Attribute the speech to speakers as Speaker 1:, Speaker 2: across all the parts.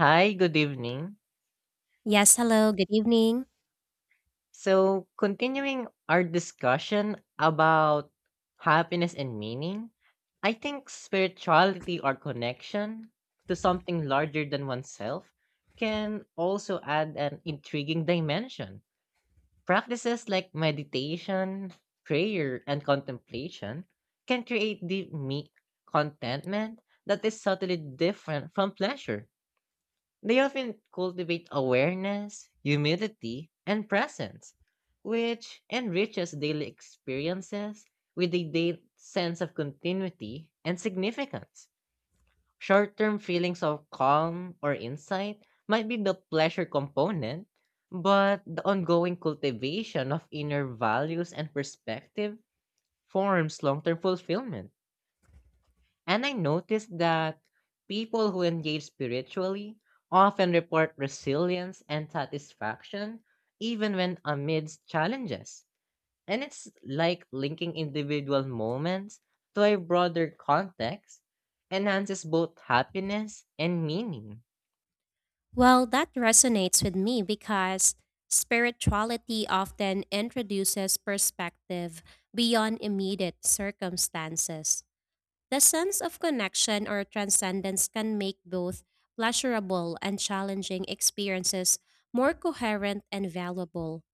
Speaker 1: Hi, good evening.
Speaker 2: Yes, hello, good evening.
Speaker 1: So, continuing our discussion about happiness and meaning, I think spirituality or connection to something larger than oneself can also add an intriguing dimension. Practices like meditation, prayer, and contemplation can create deep contentment that is subtly different from pleasure. They often cultivate awareness, humility, and presence, which enriches daily experiences with a deep sense of continuity and significance. Short term feelings of calm or insight might be the pleasure component, but the ongoing cultivation of inner values and perspective forms long term fulfillment. And I noticed that people who engage spiritually often report resilience and satisfaction even when amidst challenges. And it's like linking individual moments to a broader context enhances both happiness and meaning.
Speaker 2: Well, that resonates with me because spirituality often introduces perspective beyond immediate circumstances. The sense of connection or transcendence can make both pleasurable and challenging experiences more coherent and valuable.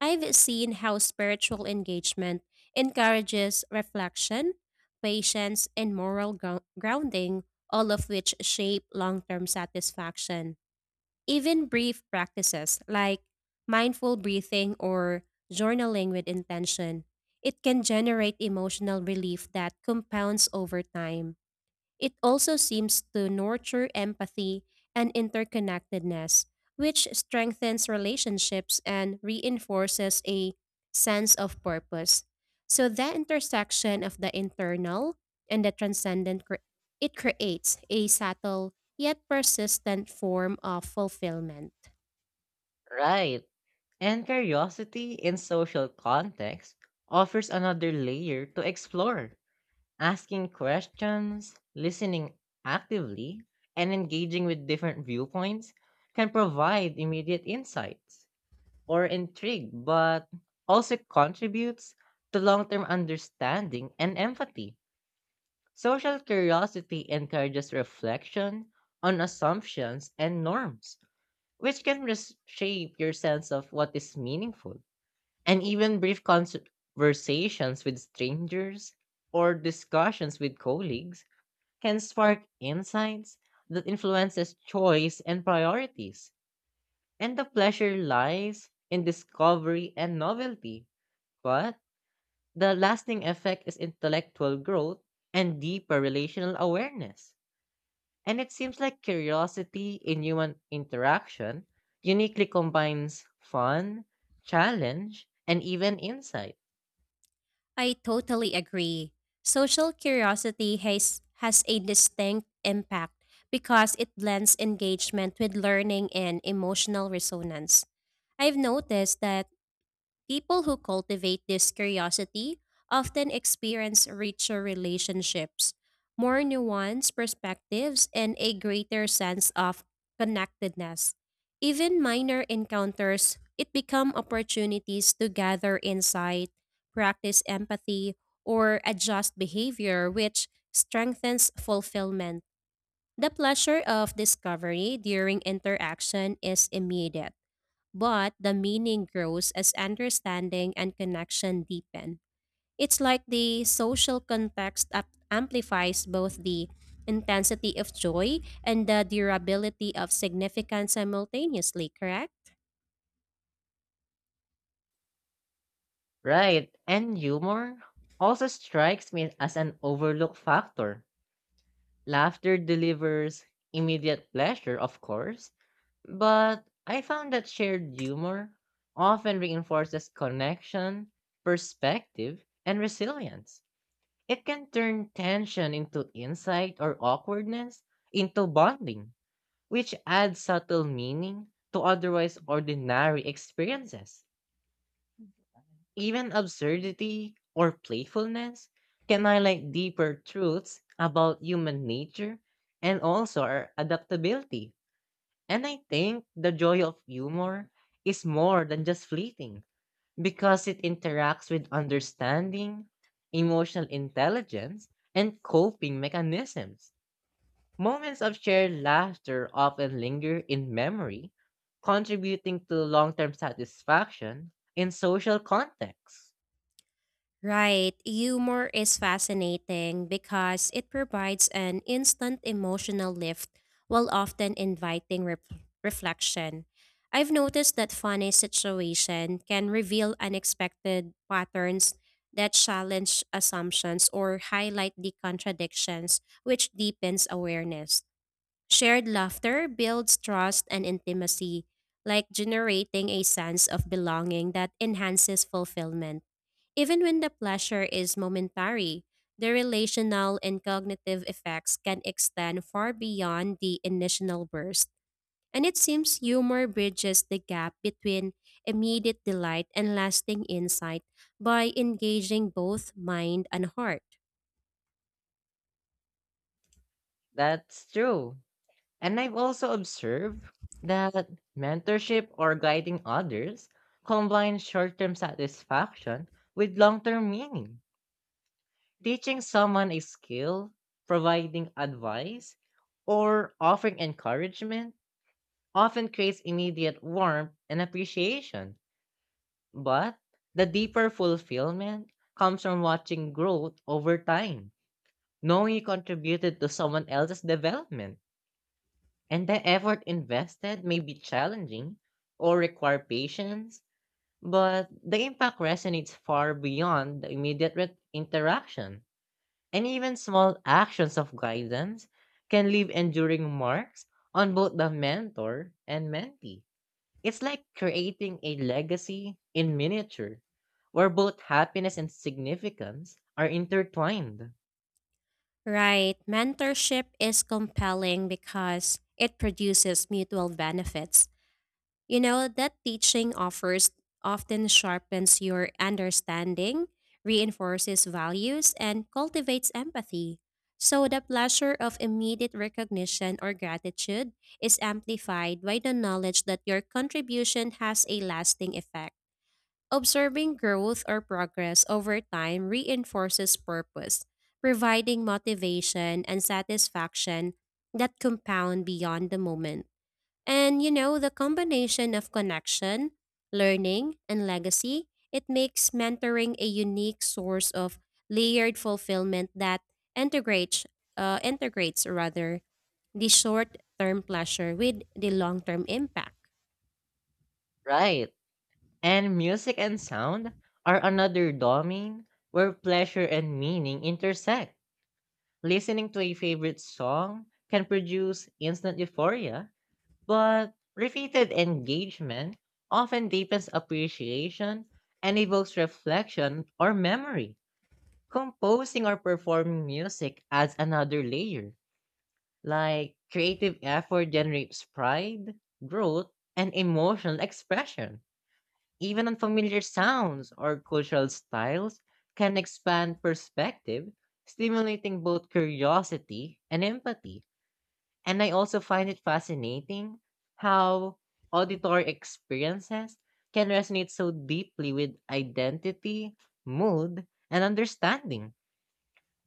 Speaker 2: I've seen how spiritual engagement encourages reflection, patience, and moral grounding, all of which shape long term satisfaction. Even brief practices like mindful breathing or journaling with intention, it can generate emotional relief that compounds over time. It also seems to nurture empathy and interconnectedness, which strengthens relationships and reinforces a sense of purpose. So that intersection of the internal and the transcendent it creates a subtle yet persistent form of fulfillment.
Speaker 1: Right. And curiosity in social context offers another layer to explore. Asking questions, listening actively, and engaging with different viewpoints can provide immediate insights or intrigue, but also contributes to long term understanding and empathy. Social curiosity encourages reflection on assumptions and norms, which can reshape your sense of what is meaningful. And even conversations with strangers or discussions with colleagues can spark insights that influences choice and priorities. And the pleasure lies in discovery and novelty, but the lasting effect is intellectual growth and deeper relational awareness. And it seems like curiosity in human interaction uniquely combines fun, challenge, and even insight.
Speaker 2: I totally agree. Social curiosity has a distinct impact because it blends engagement with learning and emotional resonance. I've noticed that people who cultivate this curiosity often experience richer relationships, more nuanced perspectives, and a greater sense of connectedness. Even minor encounters, it become opportunities to gather insight, practice empathy, or adjust behavior, which strengthens fulfillment. The pleasure of discovery during interaction is immediate but the meaning grows as understanding and connection deepen. It's like the social context amplifies both the intensity of joy and the durability of significance simultaneously, correct?
Speaker 1: Right, and humor also strikes me as an overlooked factor. Laughter delivers immediate pleasure, of course, but I found that shared humor often reinforces connection, perspective, and resilience. It can turn tension into insight or awkwardness into bonding, which adds subtle meaning to otherwise ordinary experiences. Even absurdity or playfulness can highlight deeper truths about human nature and also our adaptability. And I think the joy of humor is more than just fleeting because it interacts with understanding, emotional intelligence, and coping mechanisms. Moments of shared laughter often linger in memory, contributing to long term satisfaction in social contexts.
Speaker 2: Right, humor is fascinating because it provides an instant emotional lift while often inviting reflection. I've noticed that funny situation can reveal unexpected patterns that challenge assumptions or highlight the contradictions, which deepens awareness. Shared laughter builds trust and intimacy, like generating a sense of belonging that enhances fulfillment. Even when the pleasure is momentary, the relational and cognitive effects can extend far beyond the initial burst. And it seems humor bridges the gap between immediate delight and lasting insight by engaging both mind and heart.
Speaker 1: That's true. And I've also observed that mentorship or guiding others combines short term satisfaction with long term meaning. Teaching someone a skill, providing advice, or offering encouragement often creates immediate warmth and appreciation. But the deeper fulfillment comes from watching growth over time, knowing you contributed to someone else's development. And the effort invested may be challenging or require patience, but the impact resonates far beyond the immediate interaction. And even small actions of guidance can leave enduring marks on both the mentor and mentee. It's like creating a legacy in miniature, where both happiness and significance are intertwined.
Speaker 2: Right, mentorship is compelling because it produces mutual benefits. You know, that teaching offers often sharpens your understanding, reinforces values, and cultivates empathy. So the pleasure of immediate recognition or gratitude is amplified by the knowledge that your contribution has a lasting effect. Observing growth or progress over time reinforces purpose, providing motivation and satisfaction that compound beyond the moment. And you know, the combination of connection, learning, and legacy, it makes mentoring a unique source of layered fulfillment that integrates integrates rather, the short-term pleasure with the long-term impact.
Speaker 1: Right. And music and sound are another domain where pleasure and meaning intersect. Listening to a favorite song can produce instant euphoria, but repeated engagement often deepens appreciation and evokes reflection or memory. Composing or performing music adds another layer, like creative effort generates pride, growth, and emotional expression, even unfamiliar sounds or cultural styles can expand perspective, stimulating both curiosity and empathy. And I also find it fascinating how auditory experiences can resonate so deeply with identity, mood, and understanding.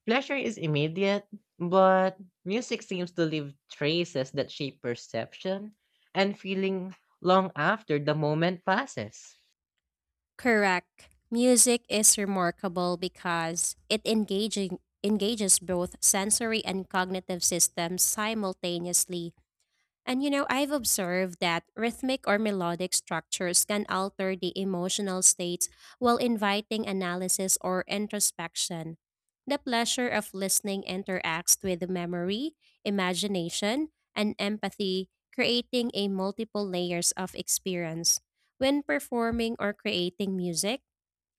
Speaker 1: Pleasure is immediate, but music seems to leave traces that shape perception and feeling long after the moment passes.
Speaker 2: Correct. Music is remarkable because it engaging engages both sensory and cognitive systems simultaneously. And you know, I've observed that rhythmic or melodic structures can alter the emotional states while inviting analysis or introspection. The pleasure of listening interacts with memory, imagination, and empathy, creating a multiple layers of experience. When performing or creating music,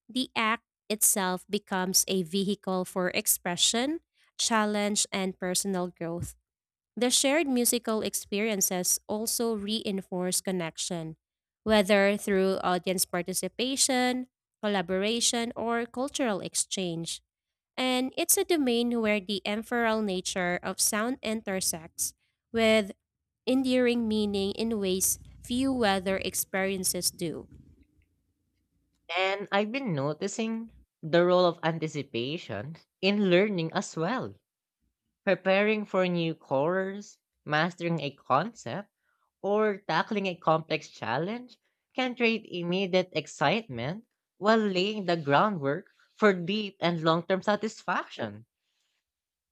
Speaker 2: the act itself becomes a vehicle for expression, challenge, and personal growth. The shared musical experiences also reinforce connection, whether through audience participation, collaboration, or cultural exchange. And it's a domain where the ephemeral nature of sound intersects with enduring meaning in ways few weather experiences do.
Speaker 1: And I've been noticing the role of anticipation in learning as well. Preparing for new course, mastering a concept, or tackling a complex challenge can create immediate excitement while laying the groundwork for deep and long term satisfaction.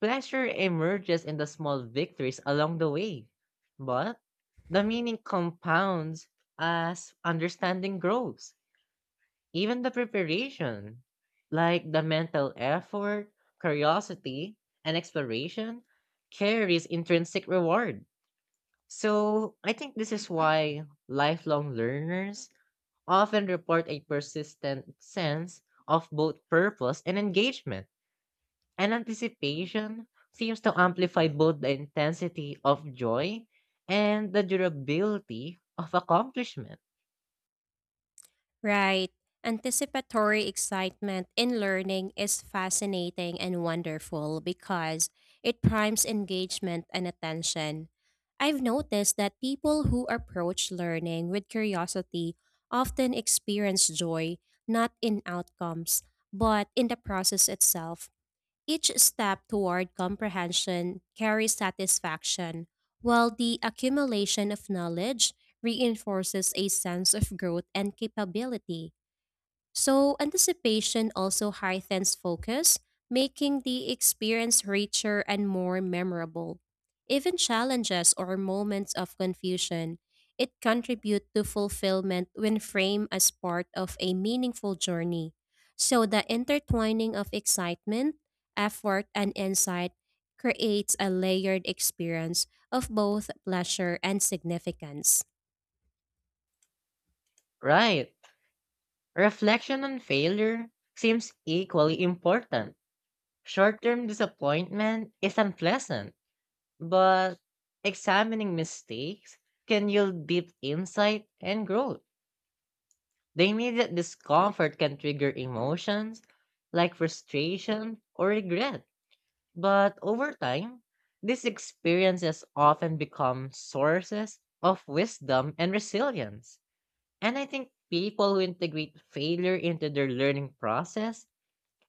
Speaker 1: Pleasure emerges in the small victories along the way, but the meaning compounds as understanding grows. Even the preparation, like the mental effort, curiosity, and exploration, carries intrinsic reward. So I think this is why lifelong learners often report a persistent sense of both purpose and engagement. And anticipation seems to amplify both the intensity of joy and the durability of accomplishment.
Speaker 2: Right. Anticipatory excitement in learning is fascinating and wonderful because it primes engagement and attention. I've noticed that people who approach learning with curiosity often experience joy not in outcomes, but in the process itself. Each step toward comprehension carries satisfaction, while the accumulation of knowledge reinforces a sense of growth and capability. So, anticipation also heightens focus, making the experience richer and more memorable. Even challenges or moments of confusion, it contribute to fulfillment when framed as part of a meaningful journey. So, the intertwining of excitement, effort, and insight creates a layered experience of both pleasure and significance.
Speaker 1: Right. Reflection on failure seems equally important. Short term disappointment is unpleasant, but examining mistakes can yield deep insight and growth. The immediate discomfort can trigger emotions like frustration or regret, but over time, these experiences often become sources of wisdom and resilience. And I think people who integrate failure into their learning process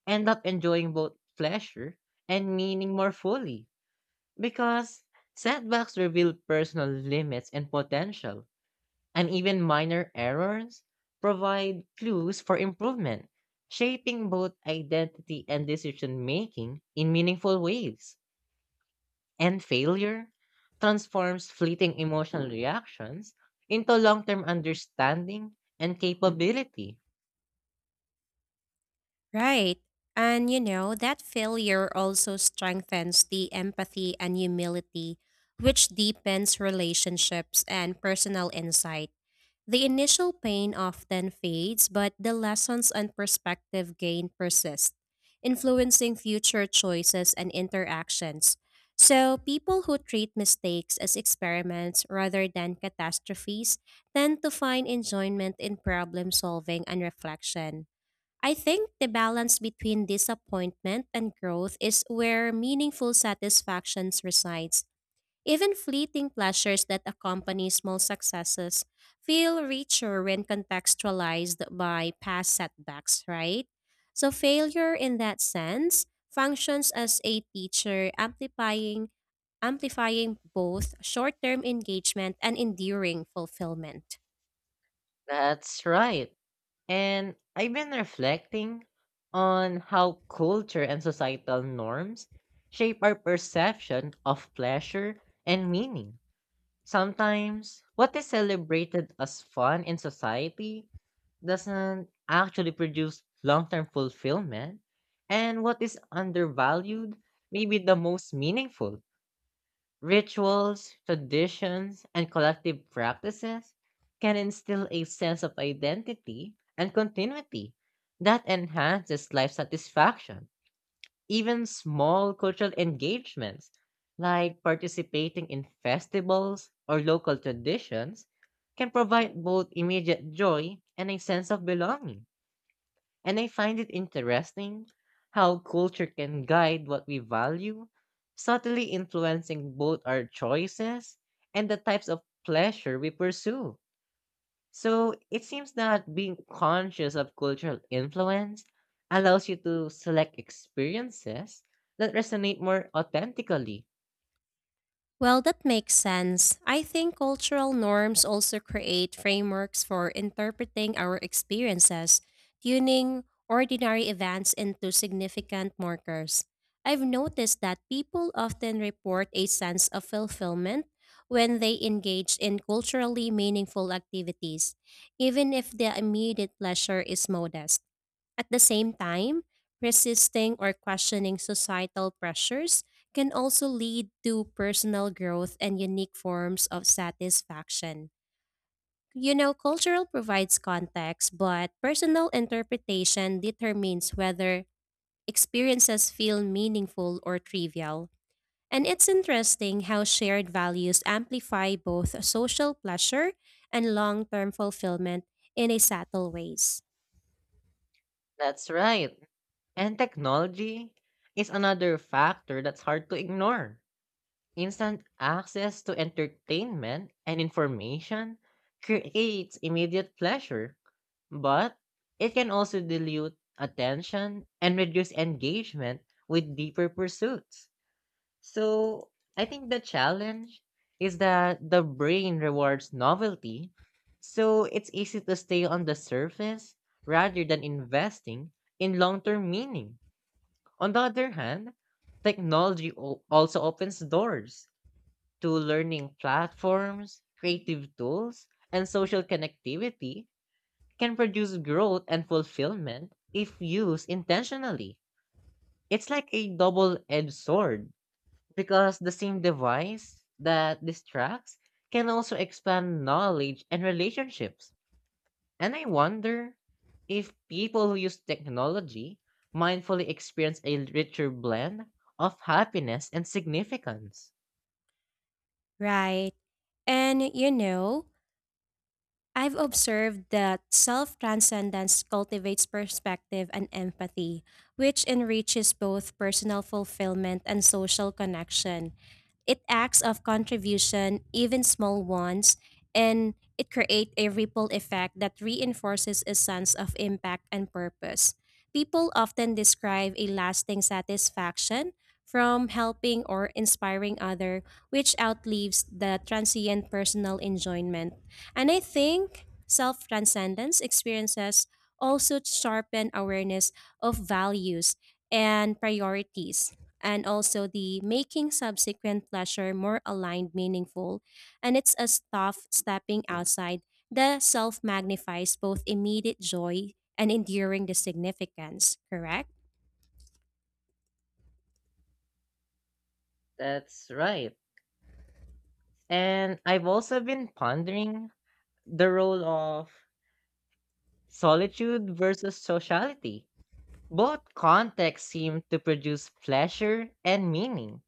Speaker 1: end up enjoying both pleasure and meaning more fully because setbacks reveal personal limits and potential, and even minor errors provide clues for improvement, shaping both identity and decision making in meaningful ways. And failure transforms fleeting emotional reactions into long term understanding and capability.
Speaker 2: Right. And you know, that failure also strengthens the empathy and humility, which deepens relationships and personal insight. The initial pain often fades, but the lessons and perspective gained persist, influencing future choices and interactions. So, people who treat mistakes as experiments rather than catastrophes tend to find enjoyment in problem solving and reflection. I think the balance between disappointment and growth is where meaningful satisfactions resides. Even fleeting pleasures that accompany small successes feel richer when contextualized by past setbacks, right? So failure in that sense functions as a teacher amplifying both short-term engagement and enduring fulfillment.
Speaker 1: That's right. And I've been reflecting on how culture and societal norms shape our perception of pleasure and meaning. Sometimes, what is celebrated as fun in society doesn't actually produce long term fulfillment, and what is undervalued may be the most meaningful. Rituals, traditions, and collective practices can instill a sense of identity and continuity that enhances life satisfaction. Even small cultural engagements, like participating in festivals or local traditions, can provide both immediate joy and a sense of belonging. And I find it interesting how culture can guide what we value, subtly influencing both our choices and the types of pleasure we pursue. So it seems that being conscious of cultural influence allows you to select experiences that resonate more authentically.
Speaker 2: Well, that makes sense. I think cultural norms also create frameworks for interpreting our experiences, tuning ordinary events into significant markers. I've noticed that people often report a sense of fulfillment when they engage in culturally meaningful activities, even if their immediate pleasure is modest. At the same time, resisting or questioning societal pressures can also lead to personal growth and unique forms of satisfaction. You know, cultural provides context, but personal interpretation determines whether experiences feel meaningful or trivial. And it's interesting how shared values amplify both social pleasure and long term fulfillment in a subtle ways.
Speaker 1: That's right. And technology is another factor that's hard to ignore. Instant access to entertainment and information creates immediate pleasure, but it can also dilute attention and reduce engagement with deeper pursuits. So, I think the challenge is that the brain rewards novelty, so it's easy to stay on the surface rather than investing in long term meaning. On the other hand, technology also opens doors to learning platforms, creative tools, and social connectivity can produce growth and fulfillment if used intentionally. It's like a double edged sword because the same device that distracts can also expand knowledge and relationships. And I wonder if people who use technology mindfully experience a richer blend of happiness and significance.
Speaker 2: Right. And you know, I've observed that self transcendence cultivates perspective and empathy, which enriches both personal fulfillment and social connection. It acts of contribution, even small ones, and it creates a ripple effect that reinforces a sense of impact and purpose. People often describe a lasting satisfaction from helping or inspiring other which outlives the transient personal enjoyment. And I think self transcendence experiences also sharpen awareness of values and priorities, and also the making subsequent pleasure more aligned, meaningful. And it's a tough stepping outside the self magnifies both immediate joy and enduring the significance, correct?
Speaker 1: That's right. And I've also been pondering the role of solitude versus sociality. Both contexts seem to produce pleasure and meaning,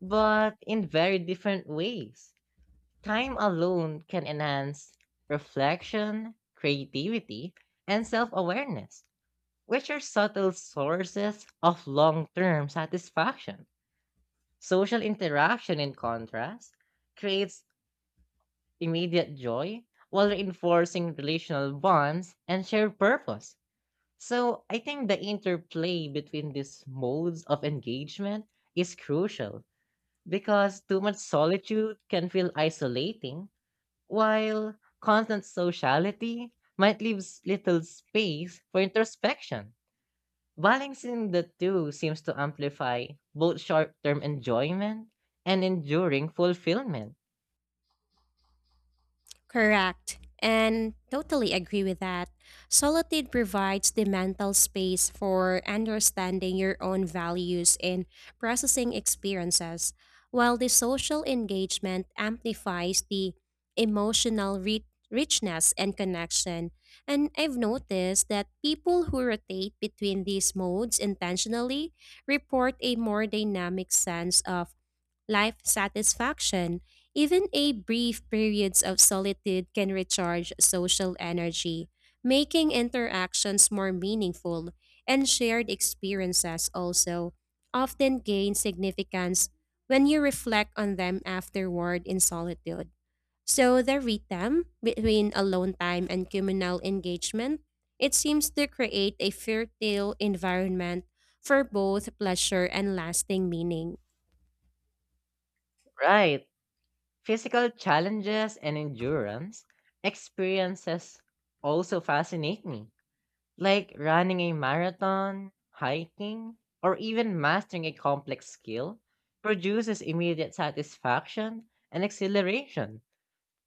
Speaker 1: but in very different ways. Time alone can enhance reflection, creativity, and self awareness, which are subtle sources of long term satisfaction. Social interaction, in contrast, creates immediate joy while reinforcing relational bonds and shared purpose. So I think the interplay between these modes of engagement is crucial because too much solitude can feel isolating, while constant sociality might leave little space for introspection. Balancing the two seems to amplify both short term enjoyment and enduring fulfillment.
Speaker 2: Correct. And totally agree with that. Solitude provides the mental space for understanding your own values and processing experiences, while the social engagement amplifies the emotional richness and connection. And I've noticed that people who rotate between these modes intentionally report a more dynamic sense of life satisfaction. Even a brief periods of solitude can recharge social energy, making interactions more meaningful, and shared experiences also often gain significance when you reflect on them afterward in solitude. So the rhythm between alone time and communal engagement, it seems to create a fertile environment for both pleasure and lasting meaning.
Speaker 1: Right. Physical challenges and endurance experiences also fascinate me, like running a marathon, hiking, or even mastering a complex skill produces immediate satisfaction and exhilaration.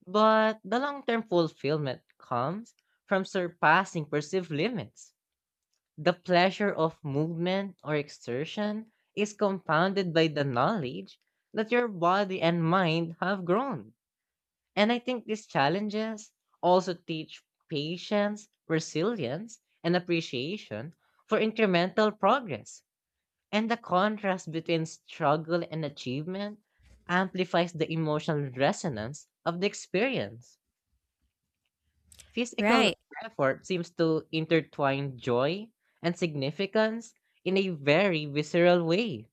Speaker 1: But the long-term fulfillment comes from surpassing perceived limits. The pleasure of movement or exertion is compounded by the knowledge that your body and mind have grown, and I think these challenges also teach patience, resilience, and appreciation for incremental progress. And the contrast between struggle and achievement amplifies the emotional resonance of the experience. Physical
Speaker 2: Right.
Speaker 1: effort seems to intertwine joy and significance in a very visceral way.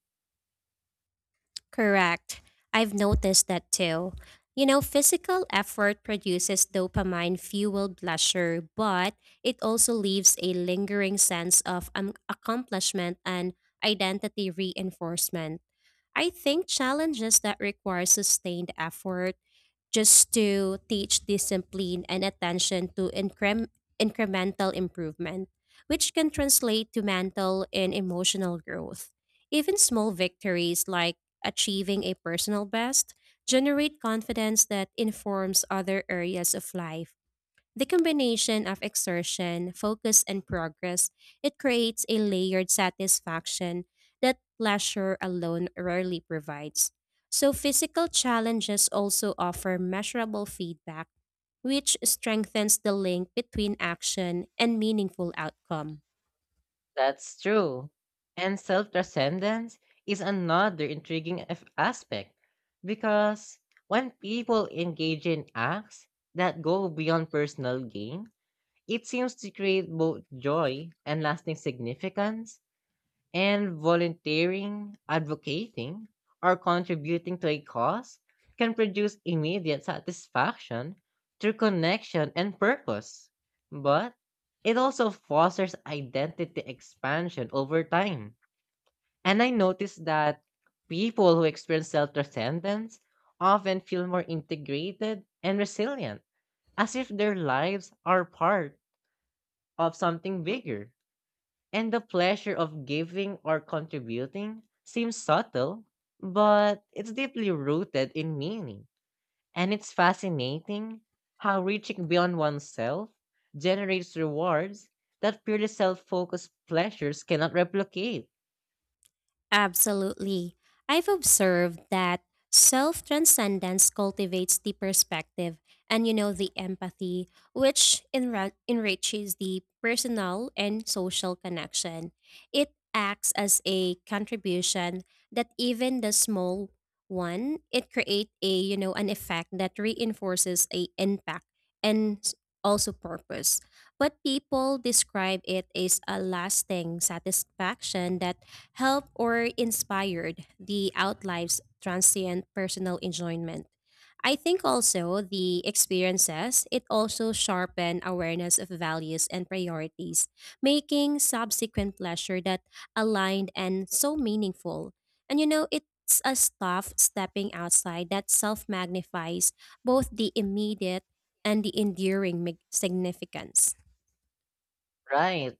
Speaker 2: Correct. I've noticed that too. You know, physical effort produces dopamine fueled pleasure, but it also leaves a lingering sense of accomplishment and identity reinforcement. I think challenges that require sustained effort just to teach discipline and attention to incremental improvement, which can translate to mental and emotional growth. Even small victories like achieving a personal best generate confidence that informs other areas of life. The combination of exertion, focus, and progress, it creates a layered satisfaction that pleasure alone rarely provides. So physical challenges also offer measurable feedback, which strengthens the link between action and meaningful outcome.
Speaker 1: That's true. And self transcendence is another intriguing aspect because when people engage in acts that go beyond personal gain, it seems to create both joy and lasting significance. And volunteering, advocating, or contributing to a cause can produce immediate satisfaction through connection and purpose. But it also fosters identity expansion over time. And I noticed that people who experience self transcendence often feel more integrated and resilient, as if their lives are part of something bigger. And the pleasure of giving or contributing seems subtle, but it's deeply rooted in meaning. And it's fascinating how reaching beyond oneself generates rewards that purely self focused pleasures cannot replicate.
Speaker 2: Absolutely. I've observed that self transcendence cultivates the perspective and, you know, the empathy, which enriches the personal and social connection. It acts as a contribution that even the small one, it creates a, you know, an effect that reinforces a impact and also purpose. But people describe it as a lasting satisfaction that helped or inspired the outlife's transient personal enjoyment. I think also the experiences, it also sharpened awareness of values and priorities, making subsequent pleasure that aligned and so meaningful. And you know, it's a stuff stepping outside that self magnifies both the immediate and the enduring significance.
Speaker 1: Right.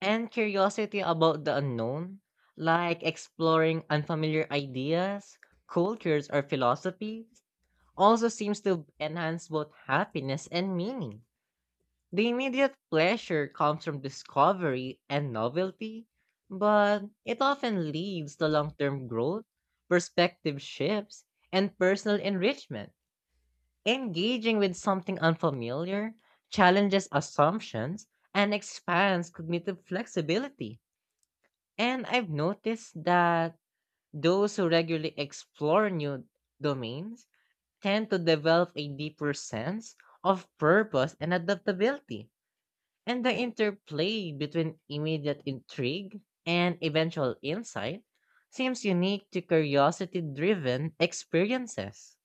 Speaker 1: And curiosity about the unknown, like exploring unfamiliar ideas, cultures, or philosophies, also seems to enhance both happiness and meaning. The immediate pleasure comes from discovery and novelty, but it often leads to long term growth, perspective shifts, and personal enrichment. Engaging with something unfamiliar challenges assumptions and expands cognitive flexibility. And I've noticed that those who regularly explore new domains tend to develop a deeper sense of purpose and adaptability. And the interplay between immediate intrigue and eventual insight seems unique to curiosity driven experiences.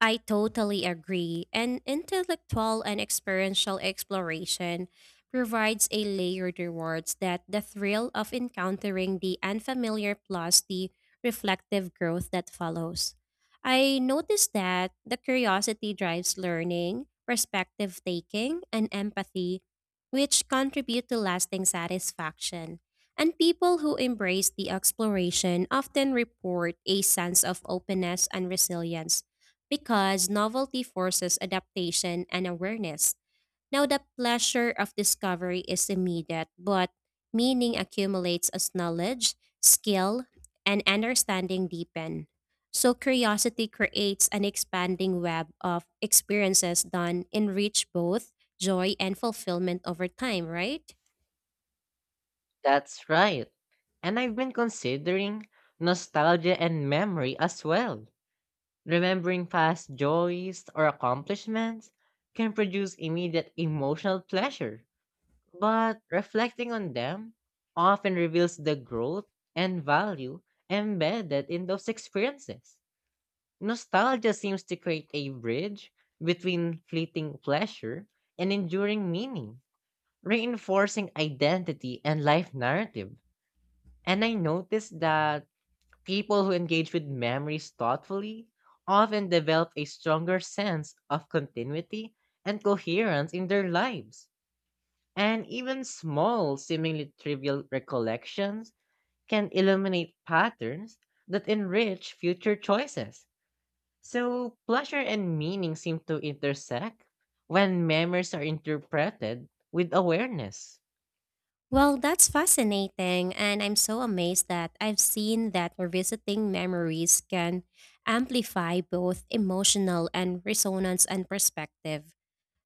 Speaker 2: I totally agree. And intellectual and experiential exploration provides a layered rewards that the thrill of encountering the unfamiliar plus the reflective growth that follows. I noticed that the curiosity drives learning, perspective taking, and empathy, which contribute to lasting satisfaction. And people who embrace the exploration often report a sense of openness and resilience because novelty forces adaptation and awareness. Now, the pleasure of discovery is immediate, but meaning accumulates as knowledge, skill, and understanding deepen. So, curiosity creates an expanding web of experiences that enrich both joy and fulfillment over time, right?
Speaker 1: That's right. And I've been considering nostalgia and memory as well. Remembering past joys or accomplishments can produce immediate emotional pleasure, but reflecting on them often reveals the growth and value embedded in those experiences. Nostalgia seems to create a bridge between fleeting pleasure and enduring meaning, reinforcing identity and life narrative. And I noticed that people who engage with memories thoughtfully often develop a stronger sense of continuity and coherence in their lives. And even small, seemingly trivial recollections can illuminate patterns that enrich future choices. So, pleasure and meaning seem to intersect when memories are interpreted with awareness.
Speaker 2: Well, that's fascinating, and I'm so amazed that I've seen that revisiting memories can amplify both emotional and resonance and perspective.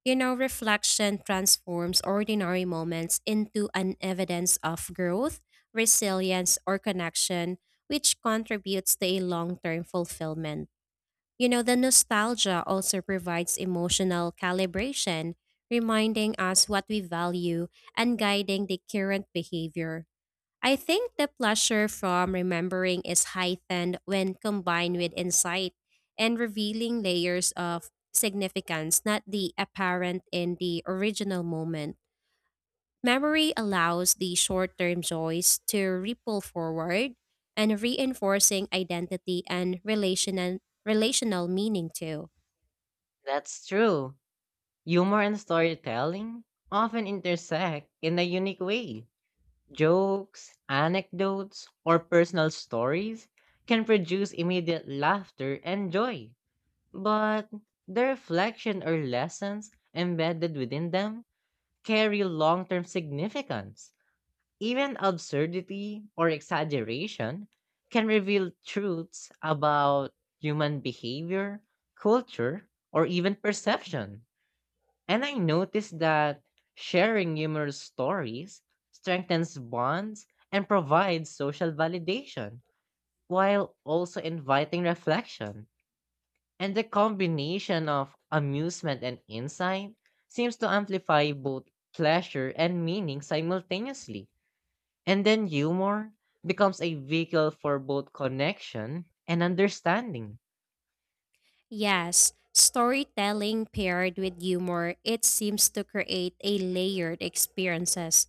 Speaker 2: You know, reflection transforms ordinary moments into an evidence of growth, resilience, or connection, which contributes to a long term fulfillment. You know, the nostalgia also provides emotional calibration, reminding us what we value and guiding the current behavior. I think the pleasure from remembering is heightened when combined with insight and revealing layers of significance not the apparent in the original moment. Memory allows the short term joys to ripple forward and reinforcing identity and relational meaning too.
Speaker 1: That's true. Humor and storytelling often intersect in a unique way. Jokes, anecdotes, or personal stories can produce immediate laughter and joy, but the reflection or lessons embedded within them carry long term significance. Even absurdity or exaggeration can reveal truths about human behavior, culture, or even perception. And I noticed that sharing humorous stories strengthens bonds and provides social validation while also inviting reflection. And the combination of amusement and insight seems to amplify both pleasure and meaning simultaneously. And then humor becomes a vehicle for both connection and understanding.
Speaker 2: Yes, storytelling paired with humor, it seems to create a layered experiences.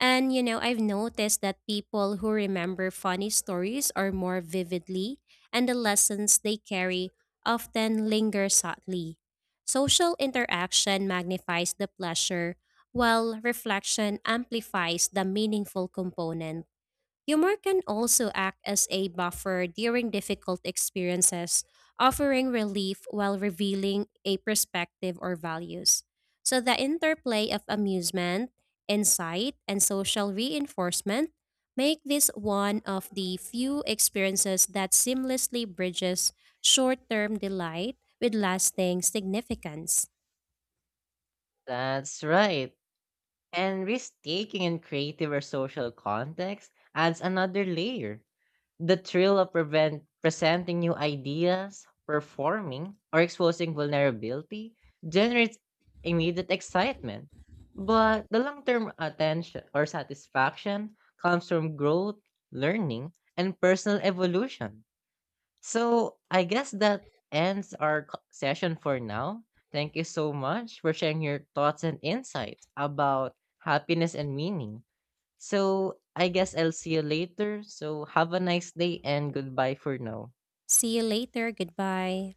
Speaker 2: And you know, I've noticed that people who remember funny stories are more vividly, and the lessons they carry often linger subtly. Social interaction magnifies the pleasure, while reflection amplifies the meaningful component. Humor can also act as a buffer during difficult experiences, offering relief while revealing a perspective or values. So, the interplay of amusement, insight, and social reinforcement make this one of the few experiences that seamlessly bridges short term delight with lasting significance.
Speaker 1: That's right. And risk taking in creative or social context adds another layer. The thrill of prevent presenting new ideas, performing, or exposing vulnerability generates immediate excitement. But the long term attention or satisfaction comes from growth, learning, and personal evolution. So I guess that ends our session for now. Thank you so much for sharing your thoughts and insights about happiness and meaning. So I guess I'll see you later. So have a nice day and goodbye for now.
Speaker 2: See you later. Goodbye.